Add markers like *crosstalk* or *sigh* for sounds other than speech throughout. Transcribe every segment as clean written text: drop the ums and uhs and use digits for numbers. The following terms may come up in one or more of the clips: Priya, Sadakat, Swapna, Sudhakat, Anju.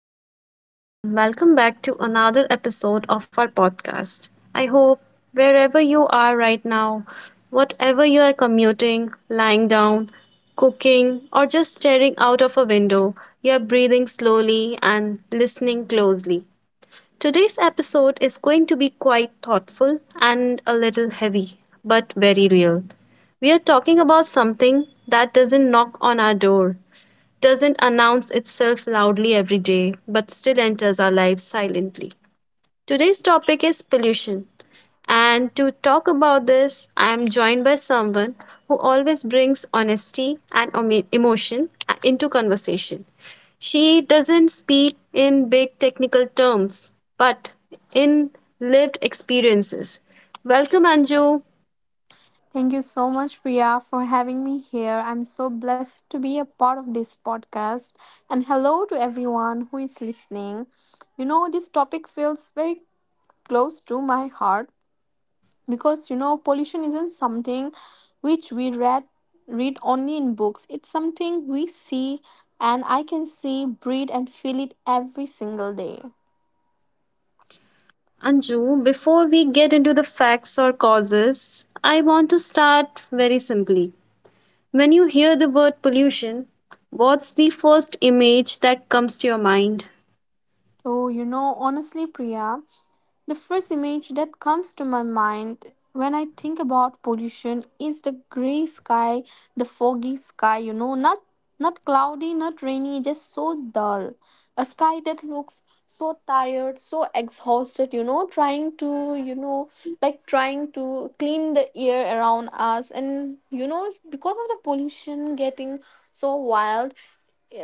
Hello, everyone, and welcome back to another episode of our podcast. I hope wherever you are right now, whatever you are commuting, lying down, cooking, or just staring out of a window, you are breathing slowly and listening closely. Today's episode is going to be quite thoughtful and a little heavy, but very real. We are talking about something that doesn't knock on our door, doesn't announce itself loudly every day, but still enters our lives silently. Today's topic is pollution. And to talk about this, I am joined by someone who always brings honesty and emo- emotion into conversation. She doesn't speak in big technical terms, but in lived experiences. Welcome, Anju. Thank you so much, Priya, for having me here. I'm so blessed to be a part of this podcast. And hello to everyone who is listening. This topic feels very close to my heart because pollution isn't something which we read only in books. It's something we see, and I can see, breathe, and feel it every single day. Anju, before we get into the facts or causes, I want to start very simply. When you hear the word pollution, what's the first image that comes to your mind? So, honestly, Priya, the first image that comes to my mind when I think about pollution is the gray sky, the foggy sky, not cloudy, not rainy, just so dull. A sky that looks so tired, so exhausted, trying to, like trying to clean the air around us. And because of the pollution getting so wild,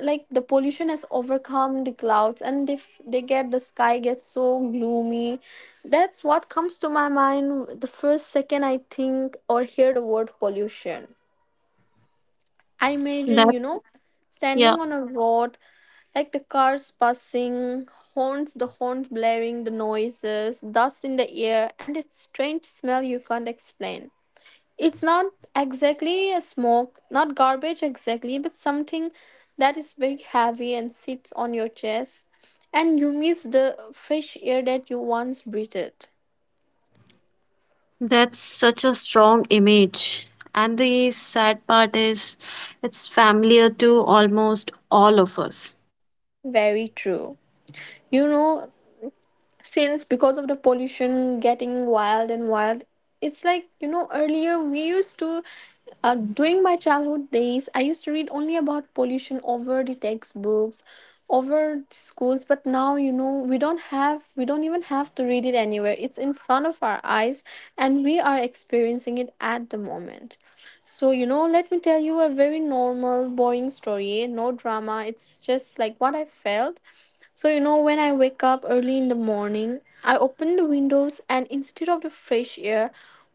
like the pollution has overcome the clouds, and if they get the sky gets so gloomy. That's what comes to my mind the first second I think or hear the word pollution. I imagine you That's, know yeah, standing on a road, like the cars passing, horns the horns blaring, the noises, dust in the air, and its strange smell you can't explain. It's not exactly a smoke, not garbage exactly, but something that is very heavy and sits on your chest, and you miss the fresh air that you once breathed. that's such a strong image. And the sad part is, it's familiar to almost all of us. Very true. You know, since because of the pollution getting wild and wild, it's like earlier we used to during my childhood days I used to read only about pollution over the textbooks, over the schools. But now we don't even have to read it anywhere. It's in front of our eyes, and we are experiencing it at the moment. So let me tell you a very normal, boring story. No drama, it's just like what I felt. So, when I wake up early in the morning, I open the windows, and instead of the fresh air,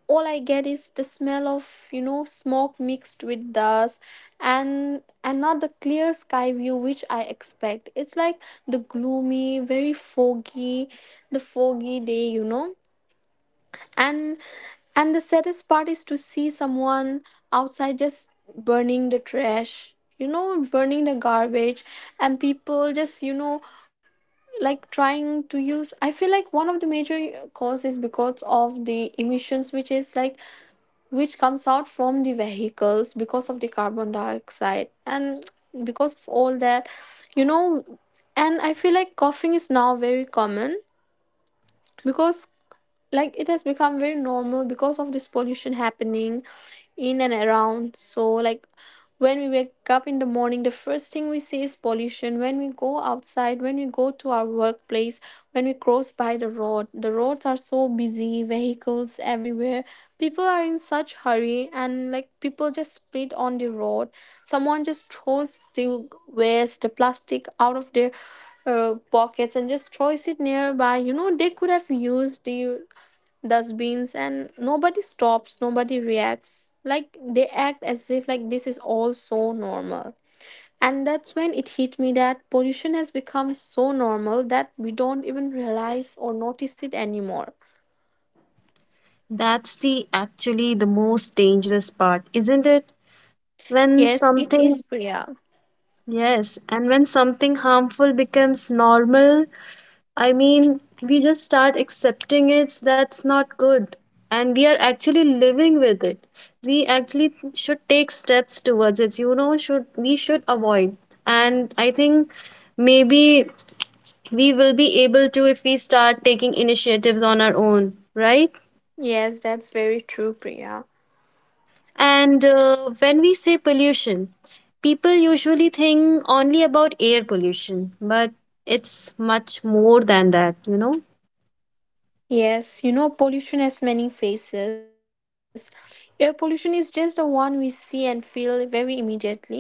all I get is the smell of smoke mixed with dust, and not the clear sky view which I expect. It's like the gloomy, very foggy, the foggy day. And and the saddest part is to see someone outside just burning the trash, burning the garbage, and people just, you know, like trying to use I feel like one of the major cause is because of the emissions, which is like which comes out from the vehicles, because of the carbon dioxide and because of all that you know and I feel like coughing is now very common because, like, it has become very normal because of this pollution happening in and around. So, like, when we wake up in the morning, the first thing we see is pollution. When we go outside, when we go to our workplace, when we cross by the road, the roads are so busy, vehicles everywhere. People are in such hurry, and, like, people just split on the road. Someone just throws the waste, the plastic, out of their pockets, and just throws it nearby. They could have used the dustbins, and nobody stops, nobody reacts. Like, they act as if, like, this is all so normal. And that's when it hit me that pollution has become so normal that we don't even realize or notice it anymore. That's the actually the most dangerous part, isn't it? When Yes, it is, something, Priya. yes, and when something harmful becomes normal, I mean, we just start accepting it. That's not good. And we are actually living with it. We actually should take steps towards it. You know, should we should avoid. And I think maybe we will be able to if we start taking initiatives on our own, right? Yes, that's very true, Priya. And when we say pollution, people usually think only about air pollution, but it's much more than that, you know. Yes, pollution has many faces. Air pollution is just the one we see and feel very immediately,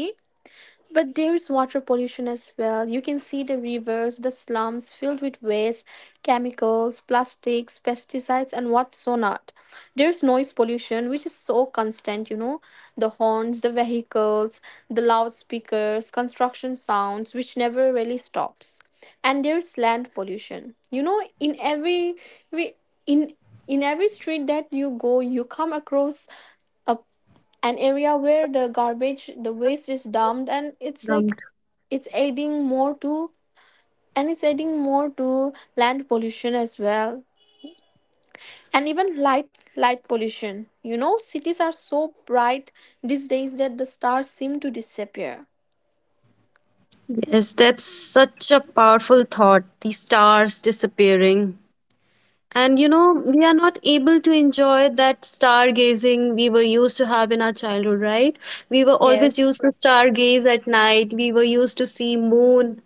but there's water pollution as well. You can see the rivers, the slums filled with waste, chemicals, plastics, pesticides, and what's so not. There's noise pollution, which is so constant. The horns, the vehicles, the loudspeakers, construction sounds, which never really stops. And there's land pollution. We in in every street that you go, you come across a an area where the garbage, the waste, is dumped, and it's like it's adding more to and it's adding more to land pollution as well. And even light pollution. Cities are so bright these days that the stars seem to disappear. Yes, that's such a powerful thought. The stars disappearing. And you know, we are not able to enjoy that stargazing we were used to have in our childhood, right? We were always used Yes. to stargaze at night. We were used to see moon.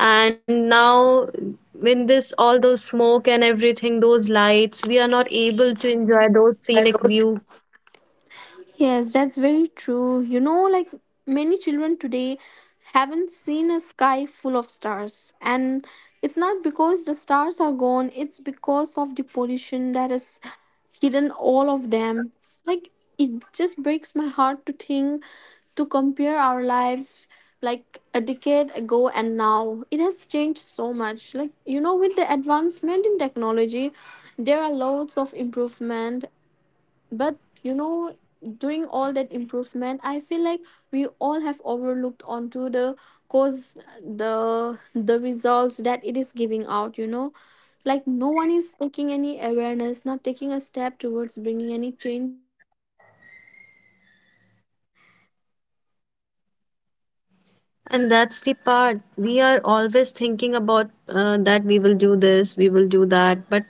And now when this all those smoke and everything, those lights, we are not able to enjoy those scenic Shadows. view. Yes, that's very true. Like many children today haven't seen a sky full of stars. And it's not because the stars are gone, it's because of the pollution that has hidden all of them. Like, it just breaks my heart to think, to compare our lives like a decade ago and now. It has changed so much. Like, with the advancement in technology, there are loads of improvement, but doing all that improvement, I feel like we all have overlooked onto the cause the results that it is giving out. Like, no one is taking any awareness, not taking a step towards bringing any changes uh, to the pollution that we are facing. And it's very sad to see And young that's the children part. having to We are go through always this you thinking know it about just breaks that my we will heart. do this, we will do that, but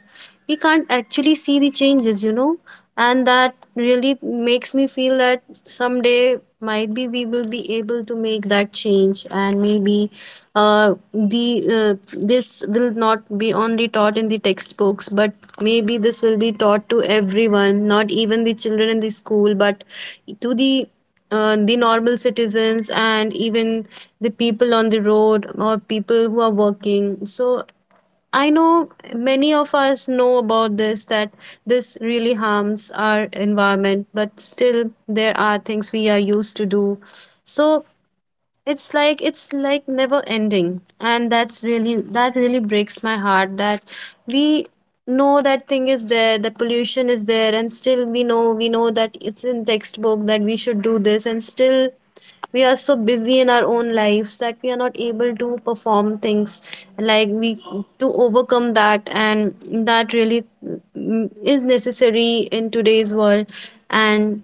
we can't actually see the changes, you know. And that really makes me feel that someday and might be we will and when be i was able to make younger. that change, and maybe Like the the this will childhood not versus be now only taught in story. the textbooks, While but I was maybe younger, this will be Priya, I taught to remember, you everyone, know, not even the evenings children in being the so school, but different. to Like, we would sit the outside, normal the air citizens feels and lighter, even the the sky people had on the colors: road or people who orange, are pink, working. So purple. But now I evenings know feel so many of us rushed. know about Like, this that this too really too harms loud, our too noisy. environment, You want but to go still inside there quickly are just things we are because our used to do. eyes burns So and our throats feel so it's like dry. never ending, And and nowadays that's children really don't that even really bother breaks my going heart outside as that much, and we parents know worry that thing because is you know there, the parents worry pollution is about there, the and still smog we know that infections. it's in So textbook that pollution we should didn't do just this, and change our still environment, it we are changed so our busy in our lifestyle. own lives that we are not able to perform things like we to And you overcome know, that, we have and that adapted to really pollution instead of is fixing necessary it. in today's world. And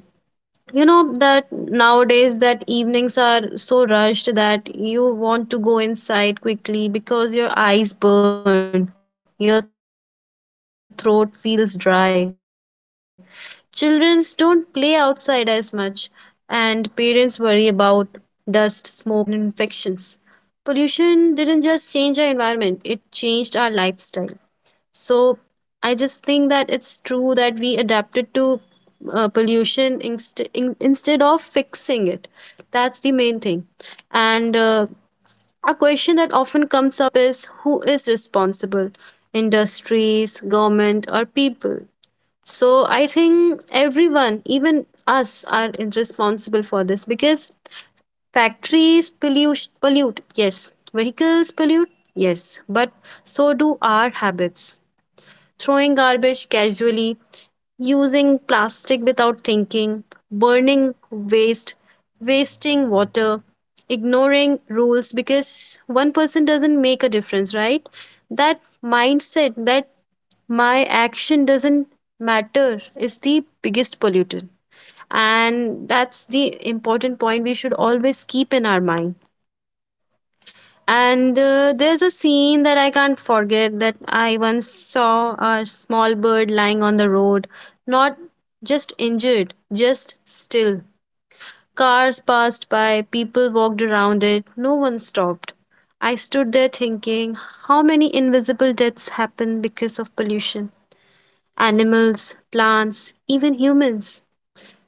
you know that nowadays that evenings are so rushed that you want to go inside quickly because your eyes burn, your throat feels dry, children don't play outside as much, and parents worry about dust, smoke, and infections. Pollution didn't just change our And environment, it with this changed our pollution lifestyle. going on you know So like I just think that it's very it's true unsafe, that we and it has adapted to lots of instead of lots of fixing it. That's the main and it thing. has lots of risks And to our health as a well. question that often comes up is for who is example you know responsible? air Industries, pollution. government, or people? So I think everyone, even us, are responsible for this because factories pollute, pollute yes. Vehicles pollute, yes. But so do our habits, throwing garbage casually, using plastic without thinking, burning waste, wasting water, ignoring rules because one person doesn't make a difference, right? That's That very true, mindset Priya. that my action doesn't matter is the biggest polluter. And that's the important point we should always keep in our mind. Yes, that's very true. And there's a scene that I can't forget that I once saw a small bird lying on the road, not just injured, just still. Cars passed by, people walked around it, no one stopped. I stood there thinking how many invisible deaths happen because of pollution. Animals, plants, even humans.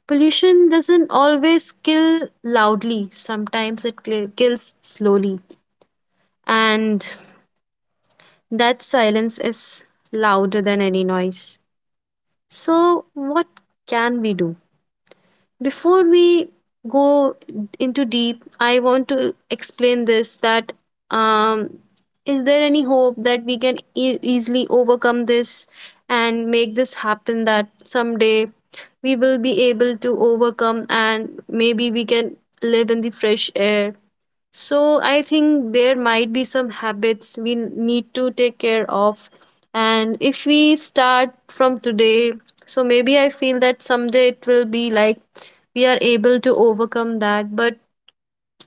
Pollution doesn't always kill loudly, sometimes it kills slowly. And that silence is louder than any noise. That's So, very true, what Priya. can we do? Before we go into deep, I want to explain this that um, is there any hope that we can easily overcome this and make this happen that someday we will be able to overcome and maybe we can live in the fresh air, so Like I you. think there might be some habits we need to take care Yes, of. very true. And if we start from today, so maybe I feel that someday it will be like we are able to overcome that, but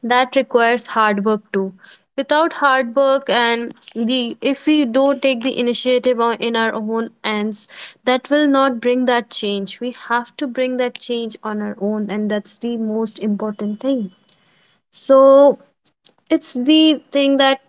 that requires hard work too. Without hard work and the if we don't take the initiative on, in our own hands, that will not bring that change. We have to bring that change on our own, and that's the most important thing. That's very So true, Priya. it's the thing that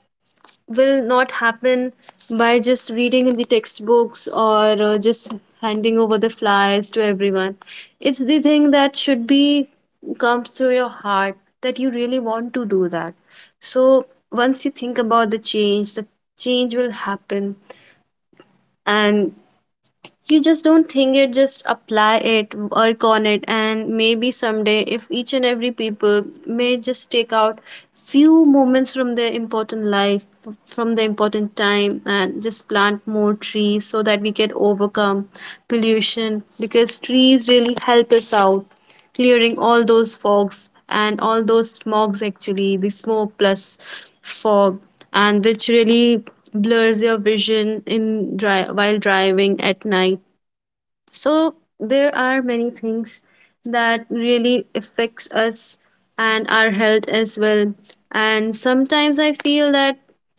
will not happen by just reading in the textbooks or just handing over the flyers to everyone. It's the thing that should be comes through your heart that you really want to do that. So once you think about the change, the change will happen. And you just don't think it, just apply it, work on it, and maybe someday if each and every people may just take out few moments from their important life, from the important time, and just plant more trees so that we can overcome pollution, because trees really help us out clearing all those fogs and all those smogs, actually the smoke plus fog, and which really blurs your vision in while driving at night. So there are many things that really affects us and our health as well. And sometimes I feel that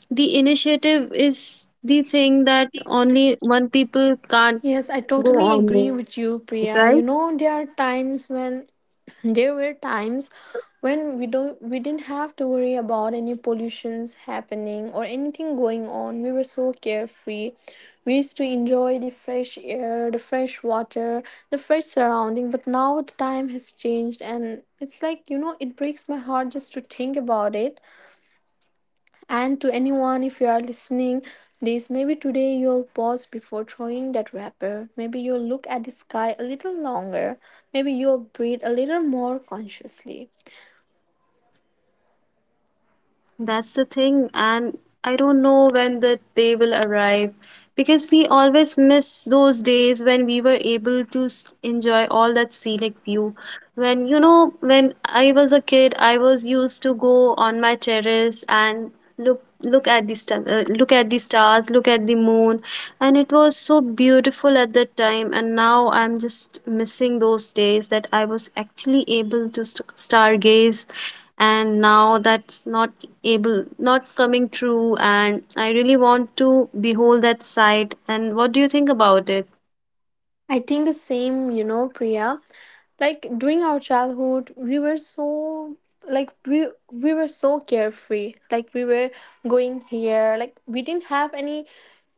the initiative is the thing that only one people can't Yes, I go totally on with, agree with right? you, Priya. You know, there are times when *clears throat* there were times when we didn't have to worry about any pollutions happening or anything going on. We were so carefree. We used to enjoy the fresh air, the fresh water, the fresh surrounding, but now the time has changed, and it's like, it breaks my heart just to think about it. And to anyone, if you are listening, this, maybe today you'll pause before throwing that wrapper. Maybe you'll look at the sky a little longer. Maybe you'll breathe a little more consciously. That's the thing, and I don't know when the day will arrive because we always miss those days when we were able to enjoy all that scenic view. When you know, when I was a kid, I was used to go on my terrace and look at the look at the stars, look at the moon, and it was so beautiful at that time, and now I'm just missing those days that I was actually able to stargaze, and now that's not able not coming true, and I really want to behold that sight. And what do you think about it? I think the same, Priya. Like, during our childhood, we were so carefree. Like, we were going here. Like, we didn't have any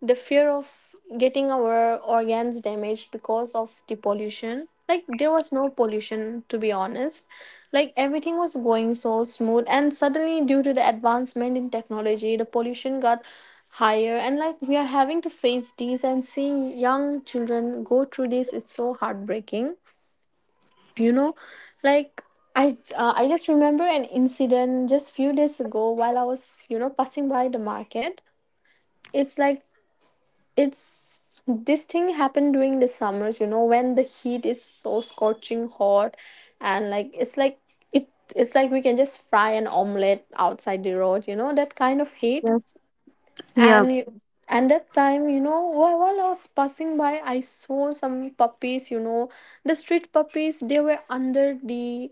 the fear of getting our organs damaged because of the pollution. Like, there was no pollution, to be honest. Like, everything was going so smooth, and suddenly, due to the advancement in technology, the pollution got higher, and, like, we are having to face these, and seeing young children go through this, it's so heartbreaking you know like, I just remember an incident just few days ago, while I was passing by the market. It's like it's this thing happened during the summers, when the heat is so scorching hot. And, like it's like it it's like we can just fry an omelette outside the road. That kind of heat. Yes. Yeah. And you- and that time, while I was passing by, I saw some puppies. The street puppies, they were under the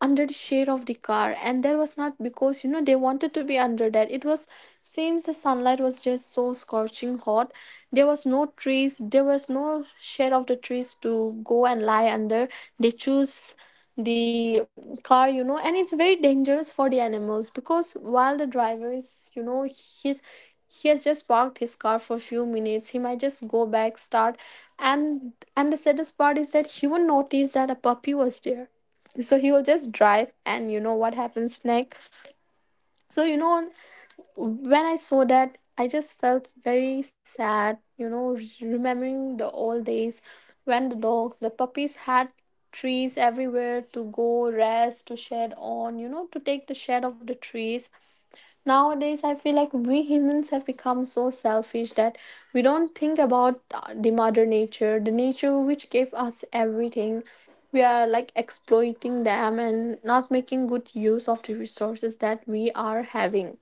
under the shade of the car. And that was not because, you know, they wanted to be under that. It was since the sunlight was just so scorching hot, there was no trees, there was no shade of the trees to go and lie under. They choose the car. And it's very dangerous for the animals, because while the driver is you know he's he has just parked his car for a few minutes, he might just go back, start. And the saddest part is that he won't notice that a puppy was there, so he will just drive, and you know what happens next. So, when I saw that, I just felt very sad, remembering the old days when the dogs, the puppies, had trees everywhere to go rest, to shed on, to take the shade of the trees. Nowadays, I feel like we humans have become so selfish that we don't think about the mother nature, the nature which gave us everything. We are, like, exploiting them and not making good use of the resources that we are having.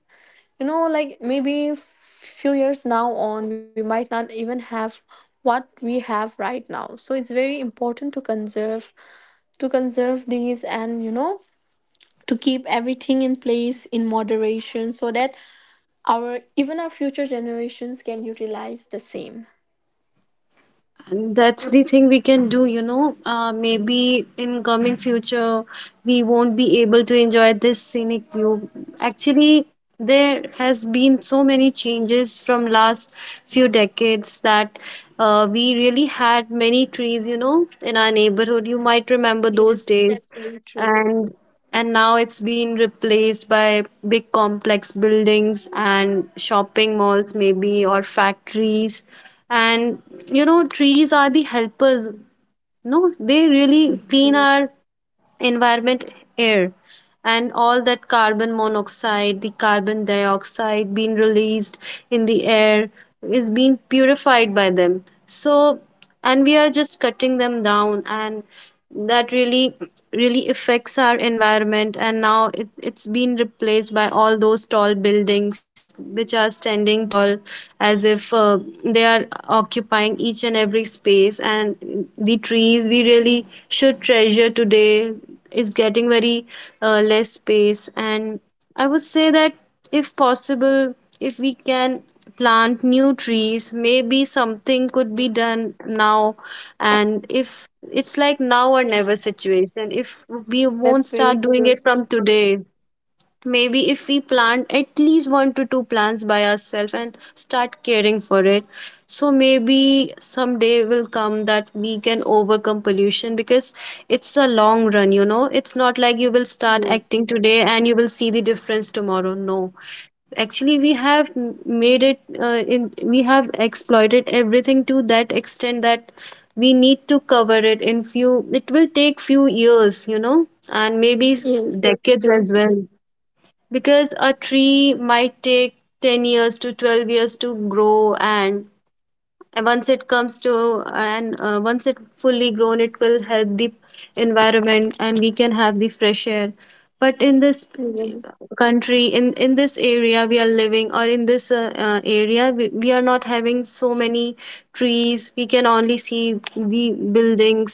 You know, like maybe few years now on, we might not even have what we have right now. So it's very important to conserve, these, and you know, to keep everything in place in moderation so that our even our future generations can utilize the same. And that's the thing we can do, you know. Maybe in coming future, we won't be able to enjoy this scenic view. Actually, there has been so many changes from last few decades that we really had many trees, you know, in our neighborhood. You might remember Yes, those that's days, very true. and and now it's been replaced by big complex buildings and shopping malls maybe or factories. And you know trees are the helpers, no, they really clean our environment, air, and all that carbon monoxide, the carbon dioxide being released in the air is being purified by them. So and we are just cutting them down, and that really really affects our environment. And now it, it's been replaced by all those tall buildings which are standing tall, as if they are occupying each and every space, and the trees we really should treasure today is getting very less space. And I would say that if possible, if we can plant new trees, maybe something Yes, could be done now. And if it's like now or never situation, if we that's won't very start true. doing it from today, maybe if we plant at least one to two plants by ourselves and start caring for it, so maybe someday will come that we can overcome pollution, because it's a long run, you know, it's not like you will start acting Yes. today and you will see the difference tomorrow, no. Actually, we have made it in we have exploited everything to that extent that we need to cover it in few, it will take few years, you know, and maybe Yes, decades that's as true. well. Because a tree might take 10 years to 12 years to grow, and once it comes to and once it fully grown it will help the environment and we can have the fresh air. But in this Yes. country, in this area we are living, or in this area we are not having so many trees, we can only see the buildings.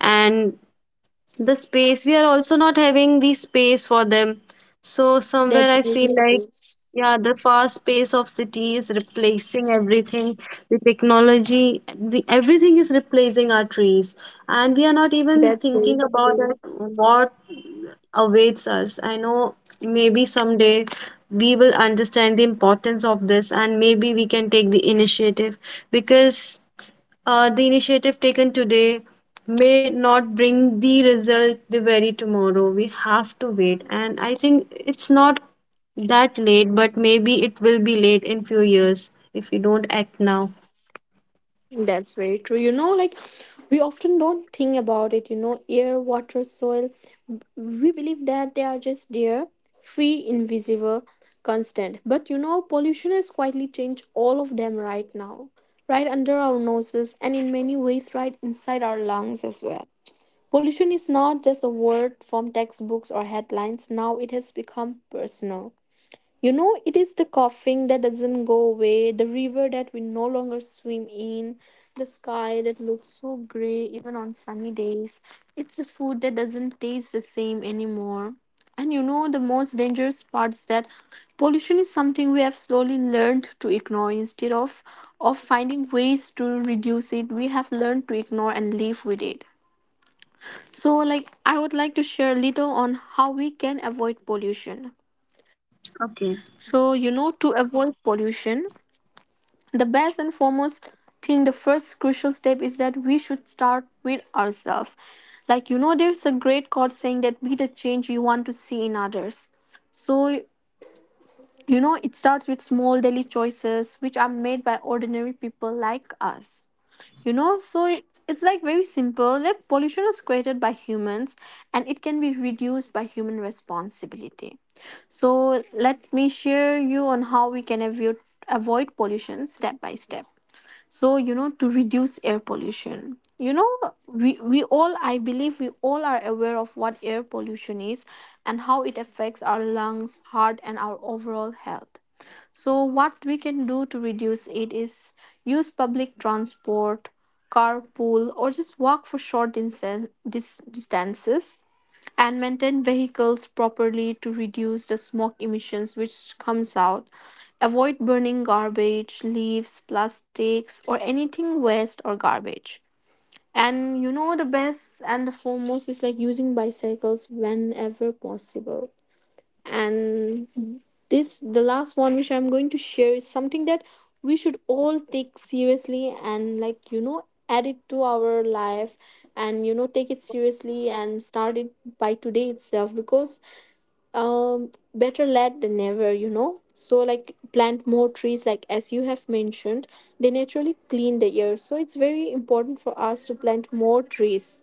And the space, we are also not having the space for them. So somewhere I That's feel very like true. yeah the fast pace of city is replacing everything, the technology, the everything is replacing our Trees, and we are not That's even very thinking true. about that. What awaits us? I know maybe someday we will understand the importance of this, and maybe we can take the initiative. Because the initiative taken today may not bring the result the very tomorrow. We have to wait, and I think it's not that late, but maybe it will be late in few years if we don't act now. That's very true. You know, like, we often don't think about it, you know, air, water, soil. We believe that they are just there, free, invisible, constant. But you know, pollution has quietly changed all of them right now, right under our noses, and in many ways, right inside our lungs as well. Pollution is not just a word from textbooks or headlines. Now it has become personal. You know, it is the coughing that doesn't go away, the river that we no longer swim in, the sky that looks so gray even on sunny days. It's the food that doesn't taste the same anymore. And you know, the most dangerous part is that pollution is something we have slowly learned to ignore instead of finding ways to reduce it. We have learned to ignore and live with it. So, like, I would like to share a little on how we can avoid pollution. Okay, So, you know, to avoid pollution, the best and foremost thing, the first crucial step, is that we should start with ourselves. Like, you quote saying that be the change you want to see in others. So, you know, it starts with small daily choices which are made by ordinary people like us, you know, so it's like very simple. Like, pollution is created by humans and it can be reduced by human responsibility. So let me share you on how we can avoid pollution step by step. You know, to reduce air pollution, you know, we all, I believe we all are aware of what air pollution is and how it affects our lungs, heart, and our overall health. So what we can do to reduce it is use public transport, carpool, or just walk for short distances, and maintain vehicles properly to reduce the smoke emissions which comes out. Avoid burning garbage, leaves, plastics, or anything waste or garbage. And you know, the best and the foremost is like using bicycles whenever possible. And this, the last one, which I'm going to share, is something that we should all take seriously and, like, you know, add it to our life, and you know, take it seriously and start it by today itself, because better late than never, you know. So like, plant more trees, like as you have mentioned, they naturally clean the air. So it's very important for us to plant more trees.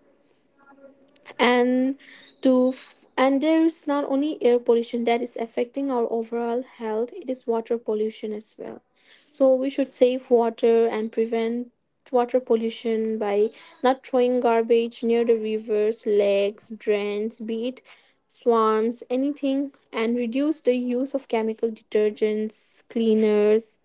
And to f- and there's not only air pollution that is affecting our overall health, it is water pollution as well. So we should save water and prevent water pollution by not throwing garbage near the rivers, lakes, drains, be it swamps, anything, and reduce the use of chemical detergents, cleaners,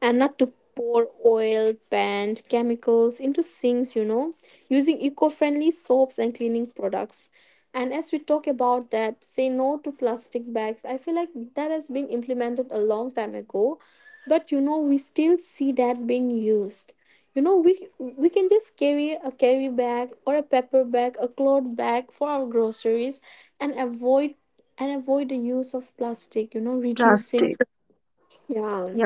and not to pour oil, paint, chemicals into sinks, you know, using eco friendly soaps and cleaning products. And as we talk about that, say no to plastic bags. I feel like that has been implemented a long time ago, but you know, we still see that being used. You know, we can just carry a carry bag or a paper bag, a cloth bag for our groceries, and avoid the use of plastic, you know, plastic. reducing. Yeah. Yeah.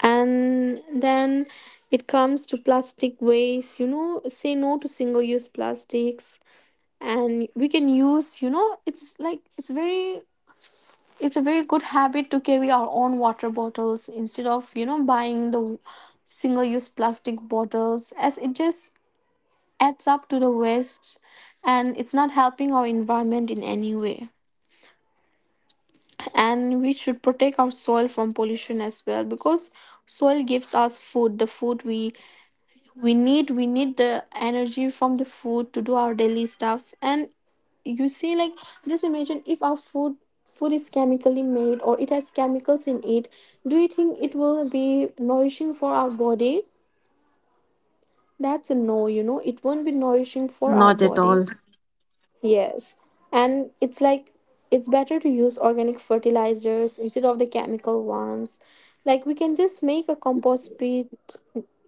And then it comes to plastic waste. You know, say no to single use plastics, and we can use, you know, it's like, it's a very good habit to carry our own water bottles instead of, you know, buying the single use plastic bottles, as it just adds up to the waste, and it's not helping our environment in any way. And we should protect our soil from pollution as well, because soil gives us food. The food we need, we need the energy from the food to do our daily stuffs. And you see, like, just imagine if our food is chemically made or it has chemicals in it. Do you think it will be nourishing for our body? Not at all. That's a no, you know. It won't be nourishing for our body. Yes. And it's like, it's better to use organic fertilizers instead of the chemical ones. Like, we can just make a compost pit,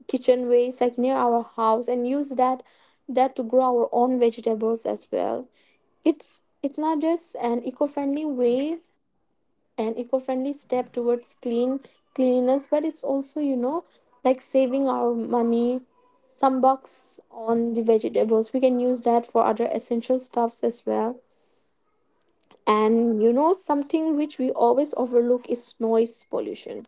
kitchen waste, like, near our house, and use that to grow our own vegetables as well. It's not just an eco-friendly way, an eco-friendly step towards cleanliness, but it's also, you know, like saving our money. Some bucks on the vegetables we can use that for other essential stuffs as well. And you know, something which we always overlook is noise pollution.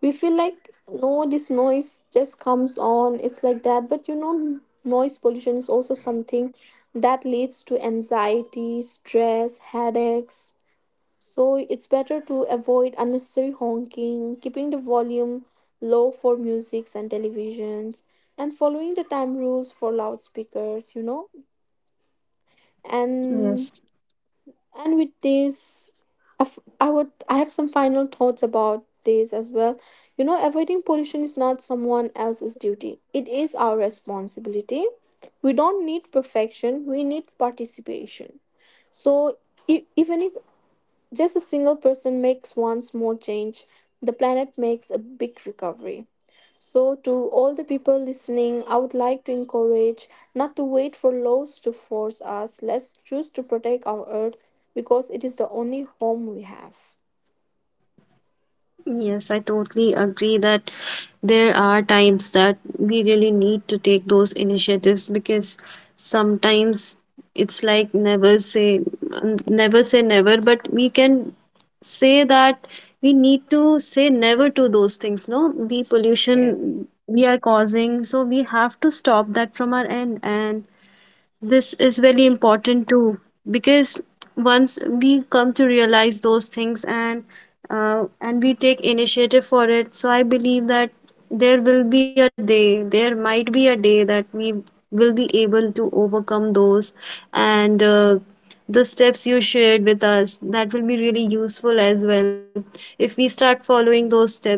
We feel like, no, this noise just comes on, it's like that, but you know, noise pollution is also something that leads to anxiety, stress, headaches. So it's better to avoid unnecessary honking, keeping the volume low for musics and televisions, and following the time rules for loudspeakers, you know. Yes. And with this, I f- I would I have some final thoughts about this as well. You know, avoiding pollution is not someone else's duty. It is our responsibility. We don't need perfection. We need participation. So even if just a single person makes one small change, the planet makes a big recovery. So, to all the people listening, I would like to encourage not to wait for laws to force us. Let's choose to protect our earth, because it is the only home we have. Yes, I totally agree that there are times that we really need to take those initiatives, because sometimes it's like never say never say never, but we can say that we need to say never to those things, no? The Yes. pollution we are causing, so we have to stop that from our end. And this is very important too, because once we come to realize those things and we take initiative for it, so I believe that there will be a day, there might be a day that we will be able to overcome those. And the steps you shared with us, that will be really useful as well if we start following those steps.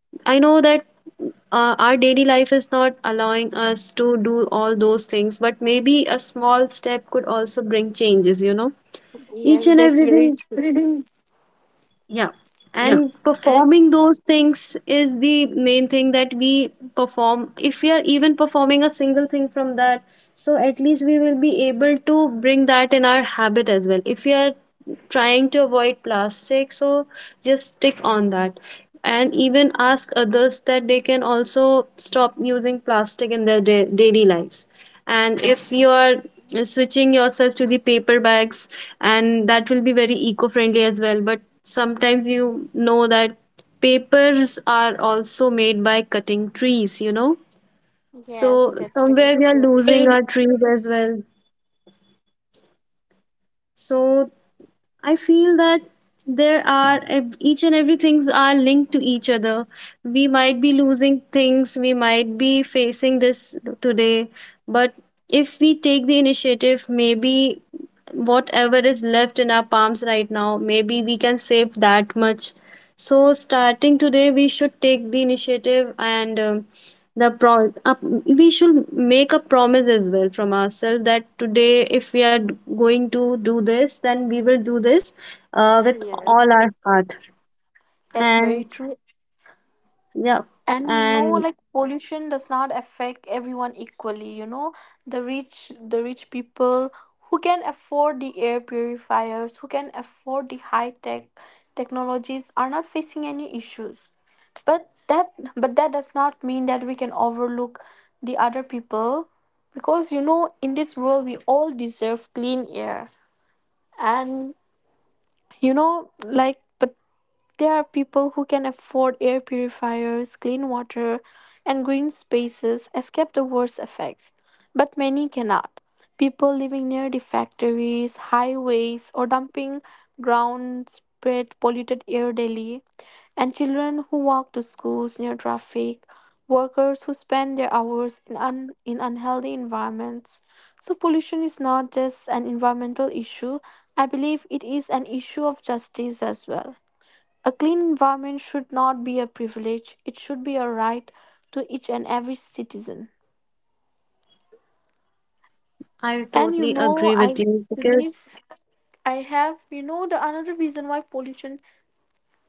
I know that our daily life is not allowing us to do all those things, but maybe a small step could also bring changes, you know. Each Yes, and that's very everything, true. *laughs* yeah. And Mhm. And performing those things is the main thing that we perform. If we are even performing a single thing from that, so at least we will be able to bring that in our habit as well. If we are trying to avoid plastic, so just stick on that. And even ask others that they can also stop using plastic in their daily lives. And if you are switching yourself to the paper bags, and that will be very eco-friendly as well, but sometimes you know that papers are also made by cutting trees, you know, yes, so that's very somewhere we are true. losing our trees as well. So I feel that there are each and every things are linked to each other. We might be losing things, we might be facing this today, but if we take the initiative, maybe whatever is left in our palms right now, maybe we can save that much. So, starting today, we should take the initiative, and we should make a promise as well from ourselves that today, if we are going to do this, then we will do this with Yes, all our heart. that's very And true. yeah, And you know, and like, pollution does not affect everyone equally, you know. The rich people, who can afford the air purifiers, who can afford the high tech technologies, are not facing any issues. But that does not mean that we can overlook the other people, because you know, in this world we all deserve clean air. And you know, like, but there are people who can afford air purifiers, clean water, and green spaces, escape the worst effects. But many cannot. People living near the factories, highways, or dumping grounds spread polluted air daily. And children who walk to schools near traffic, workers who spend their hours in unhealthy environments. So, pollution is not just an environmental issue, I believe it is an issue of justice as well. A clean environment should not be a privilege, it should be a right to each and every citizen. I totally And you agree with know, you I because. believe I have, you know, the another reason why pollution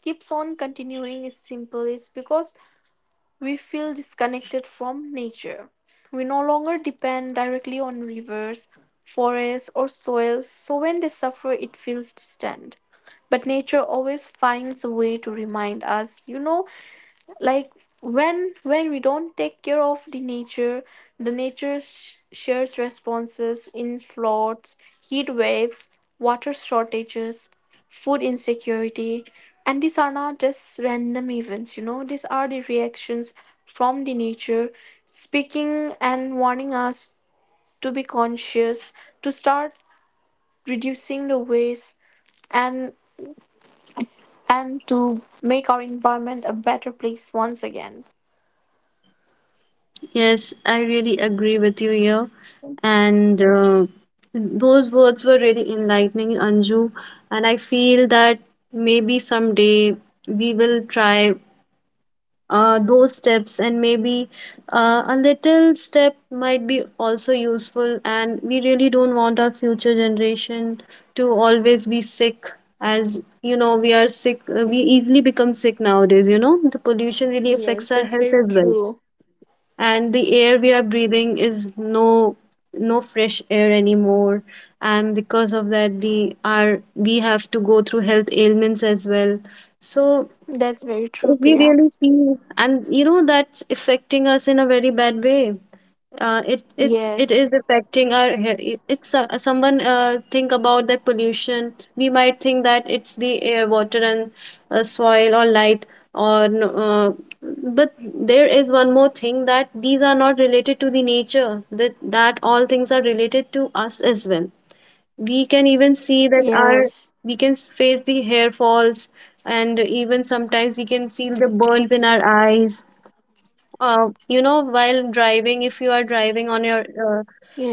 keeps on continuing is simple, is because we feel disconnected from nature. We no longer depend directly on rivers, forests, or soil, so when they suffer, it feels distant. But nature always finds a way to remind us, you know, like, when we don't take care of the nature, the nature shares responses in floods, heat waves, water shortages, food insecurity. And these are not just random events, you know, these are the reactions from the nature, speaking and warning us to be conscious, to start reducing the waste, and to make our environment a better place once again. Yes, I really agree with you here. And those words were really enlightening, Anju. And I feel that maybe someday we will try those steps, and maybe a little step might be also useful. And we really don't want our future generation to always be sick. As you know, we are sick, we easily become sick nowadays. You know, the pollution really Yes, affects our that's health very as well. true. And the air we are breathing is no no fresh air anymore, and because of that the our we have to go through health ailments as well. So That's very true, if we Priya. really see, and you know, that's affecting us in a very bad way. It Yes, is affecting our. It's someone think about that pollution. We might think that it's the air, water, and soil or light or no, but there is one more thing that these are not related to the nature. That all things are related to us as well. We can even see that our, yes, we can face the hair falls, and even sometimes we can feel the burns in our eyes. You know, while driving, if you are driving on your uh,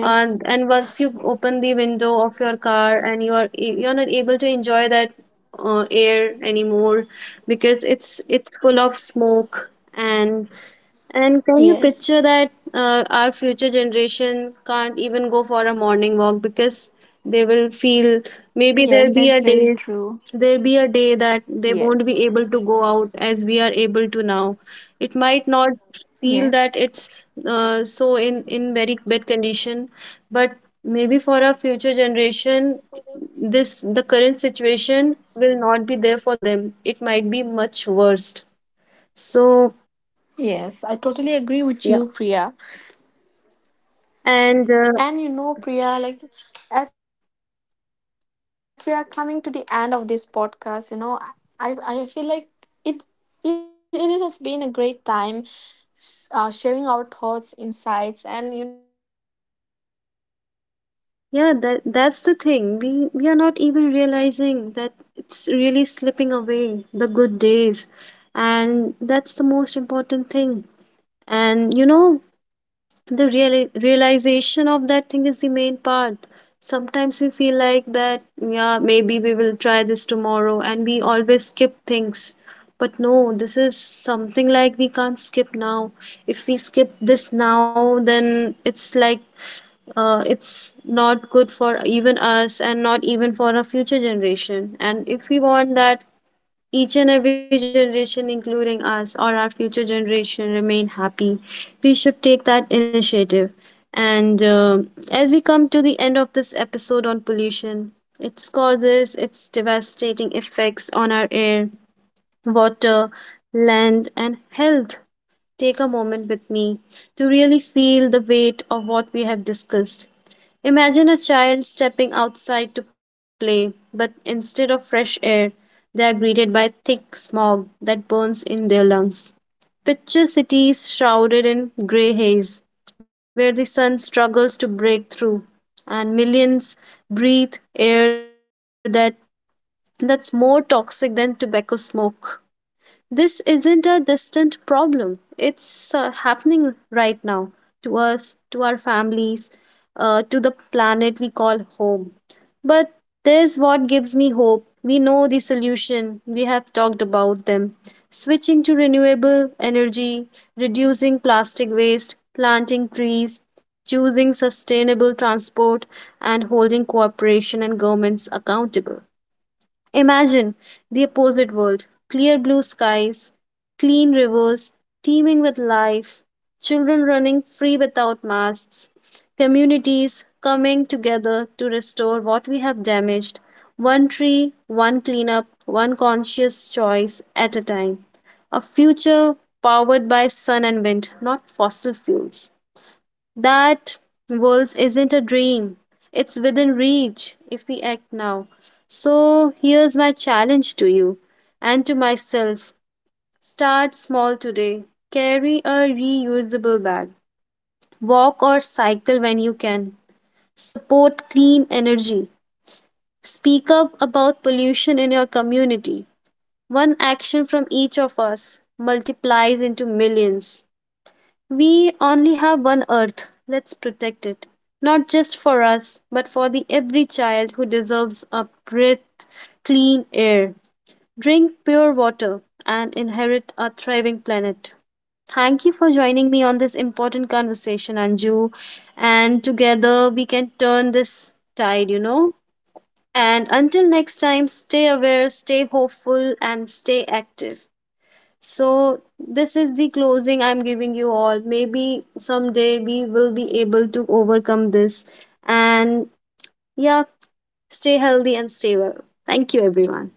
uh, and once you open the window of your car and you're not able to enjoy that air anymore, because it's full of smoke. And can you yes, picture that our future generation can't even go for a morning walk, because they will feel, maybe yes, there'll be that's a day, very true. there be a day that they won't Yes, be able to go out as we are able to now. It might not feel that yes, it's so in very bad condition, but maybe for our future generation, this the current situation will not be there for them. It might be much worse. So yes. I totally agree with yeah, you, Priya. and And you know, Priya, like, as we are coming to the end of this podcast, you know, I feel like it it has been a great time, sharing our thoughts in. yeah, that that's the thing. We are not even realizing that it's really slipping away the good days, and that's the most important thing. And you know, the real realization of that thing is the main part. Sometimes we feel like that, yeah, maybe we will try this tomorrow and we always skip things, but no, this is something like we can't skip now. If we skip this now, then it's like it's not good for even us and not even for our future generation. And if we want that each and every generation, including us or our future generation, remain happy, we should take that initiative. And as we come to the end of this episode on pollution, its causes, its devastating effects on our air, water, land, and health, take a moment with me to really feel the weight of what we have discussed. Imagine a child stepping outside to play, but instead of fresh air, they are greeted by thick smog that burns in their lungs. Picture cities shrouded in gray haze, where the sun struggles to break through, and millions breathe air that, that's more toxic than tobacco smoke. This isn't a distant problem. It's happening right now to us, to our families, to the planet we call home. But there's what gives me hope. We know the solution, we have talked about them. Switching to renewable energy, reducing plastic waste, planting trees, choosing sustainable transport, and holding cooperation and governments accountable. Imagine the opposite world, clear blue skies, clean rivers teeming with life, children running free without masks, communities coming together to restore what we have damaged, one tree, one cleanup, one conscious choice at a time. A future powered by sun and wind, not fossil fuels. That world isn't a dream. It's within reach if we act now. So here's my challenge to you and to myself. Start small today. Carry a reusable bag. Walk or cycle when you can. Support clean energy. Speak up about pollution in your community. One action from each of us multiplies into millions. We only have one earth. Let's protect it. Not just for us, but for the every child who deserves a breath, clean air, drink pure water, and inherit a thriving planet. Thank you for joining me on this important conversation, Anju. And together we can turn this tide, you know. And until next time, stay aware, stay hopeful, and stay active. So, this is the closing I'm giving you all. Maybe someday we will be able to overcome this. And yeah, stay healthy and stay well. Thank you, everyone.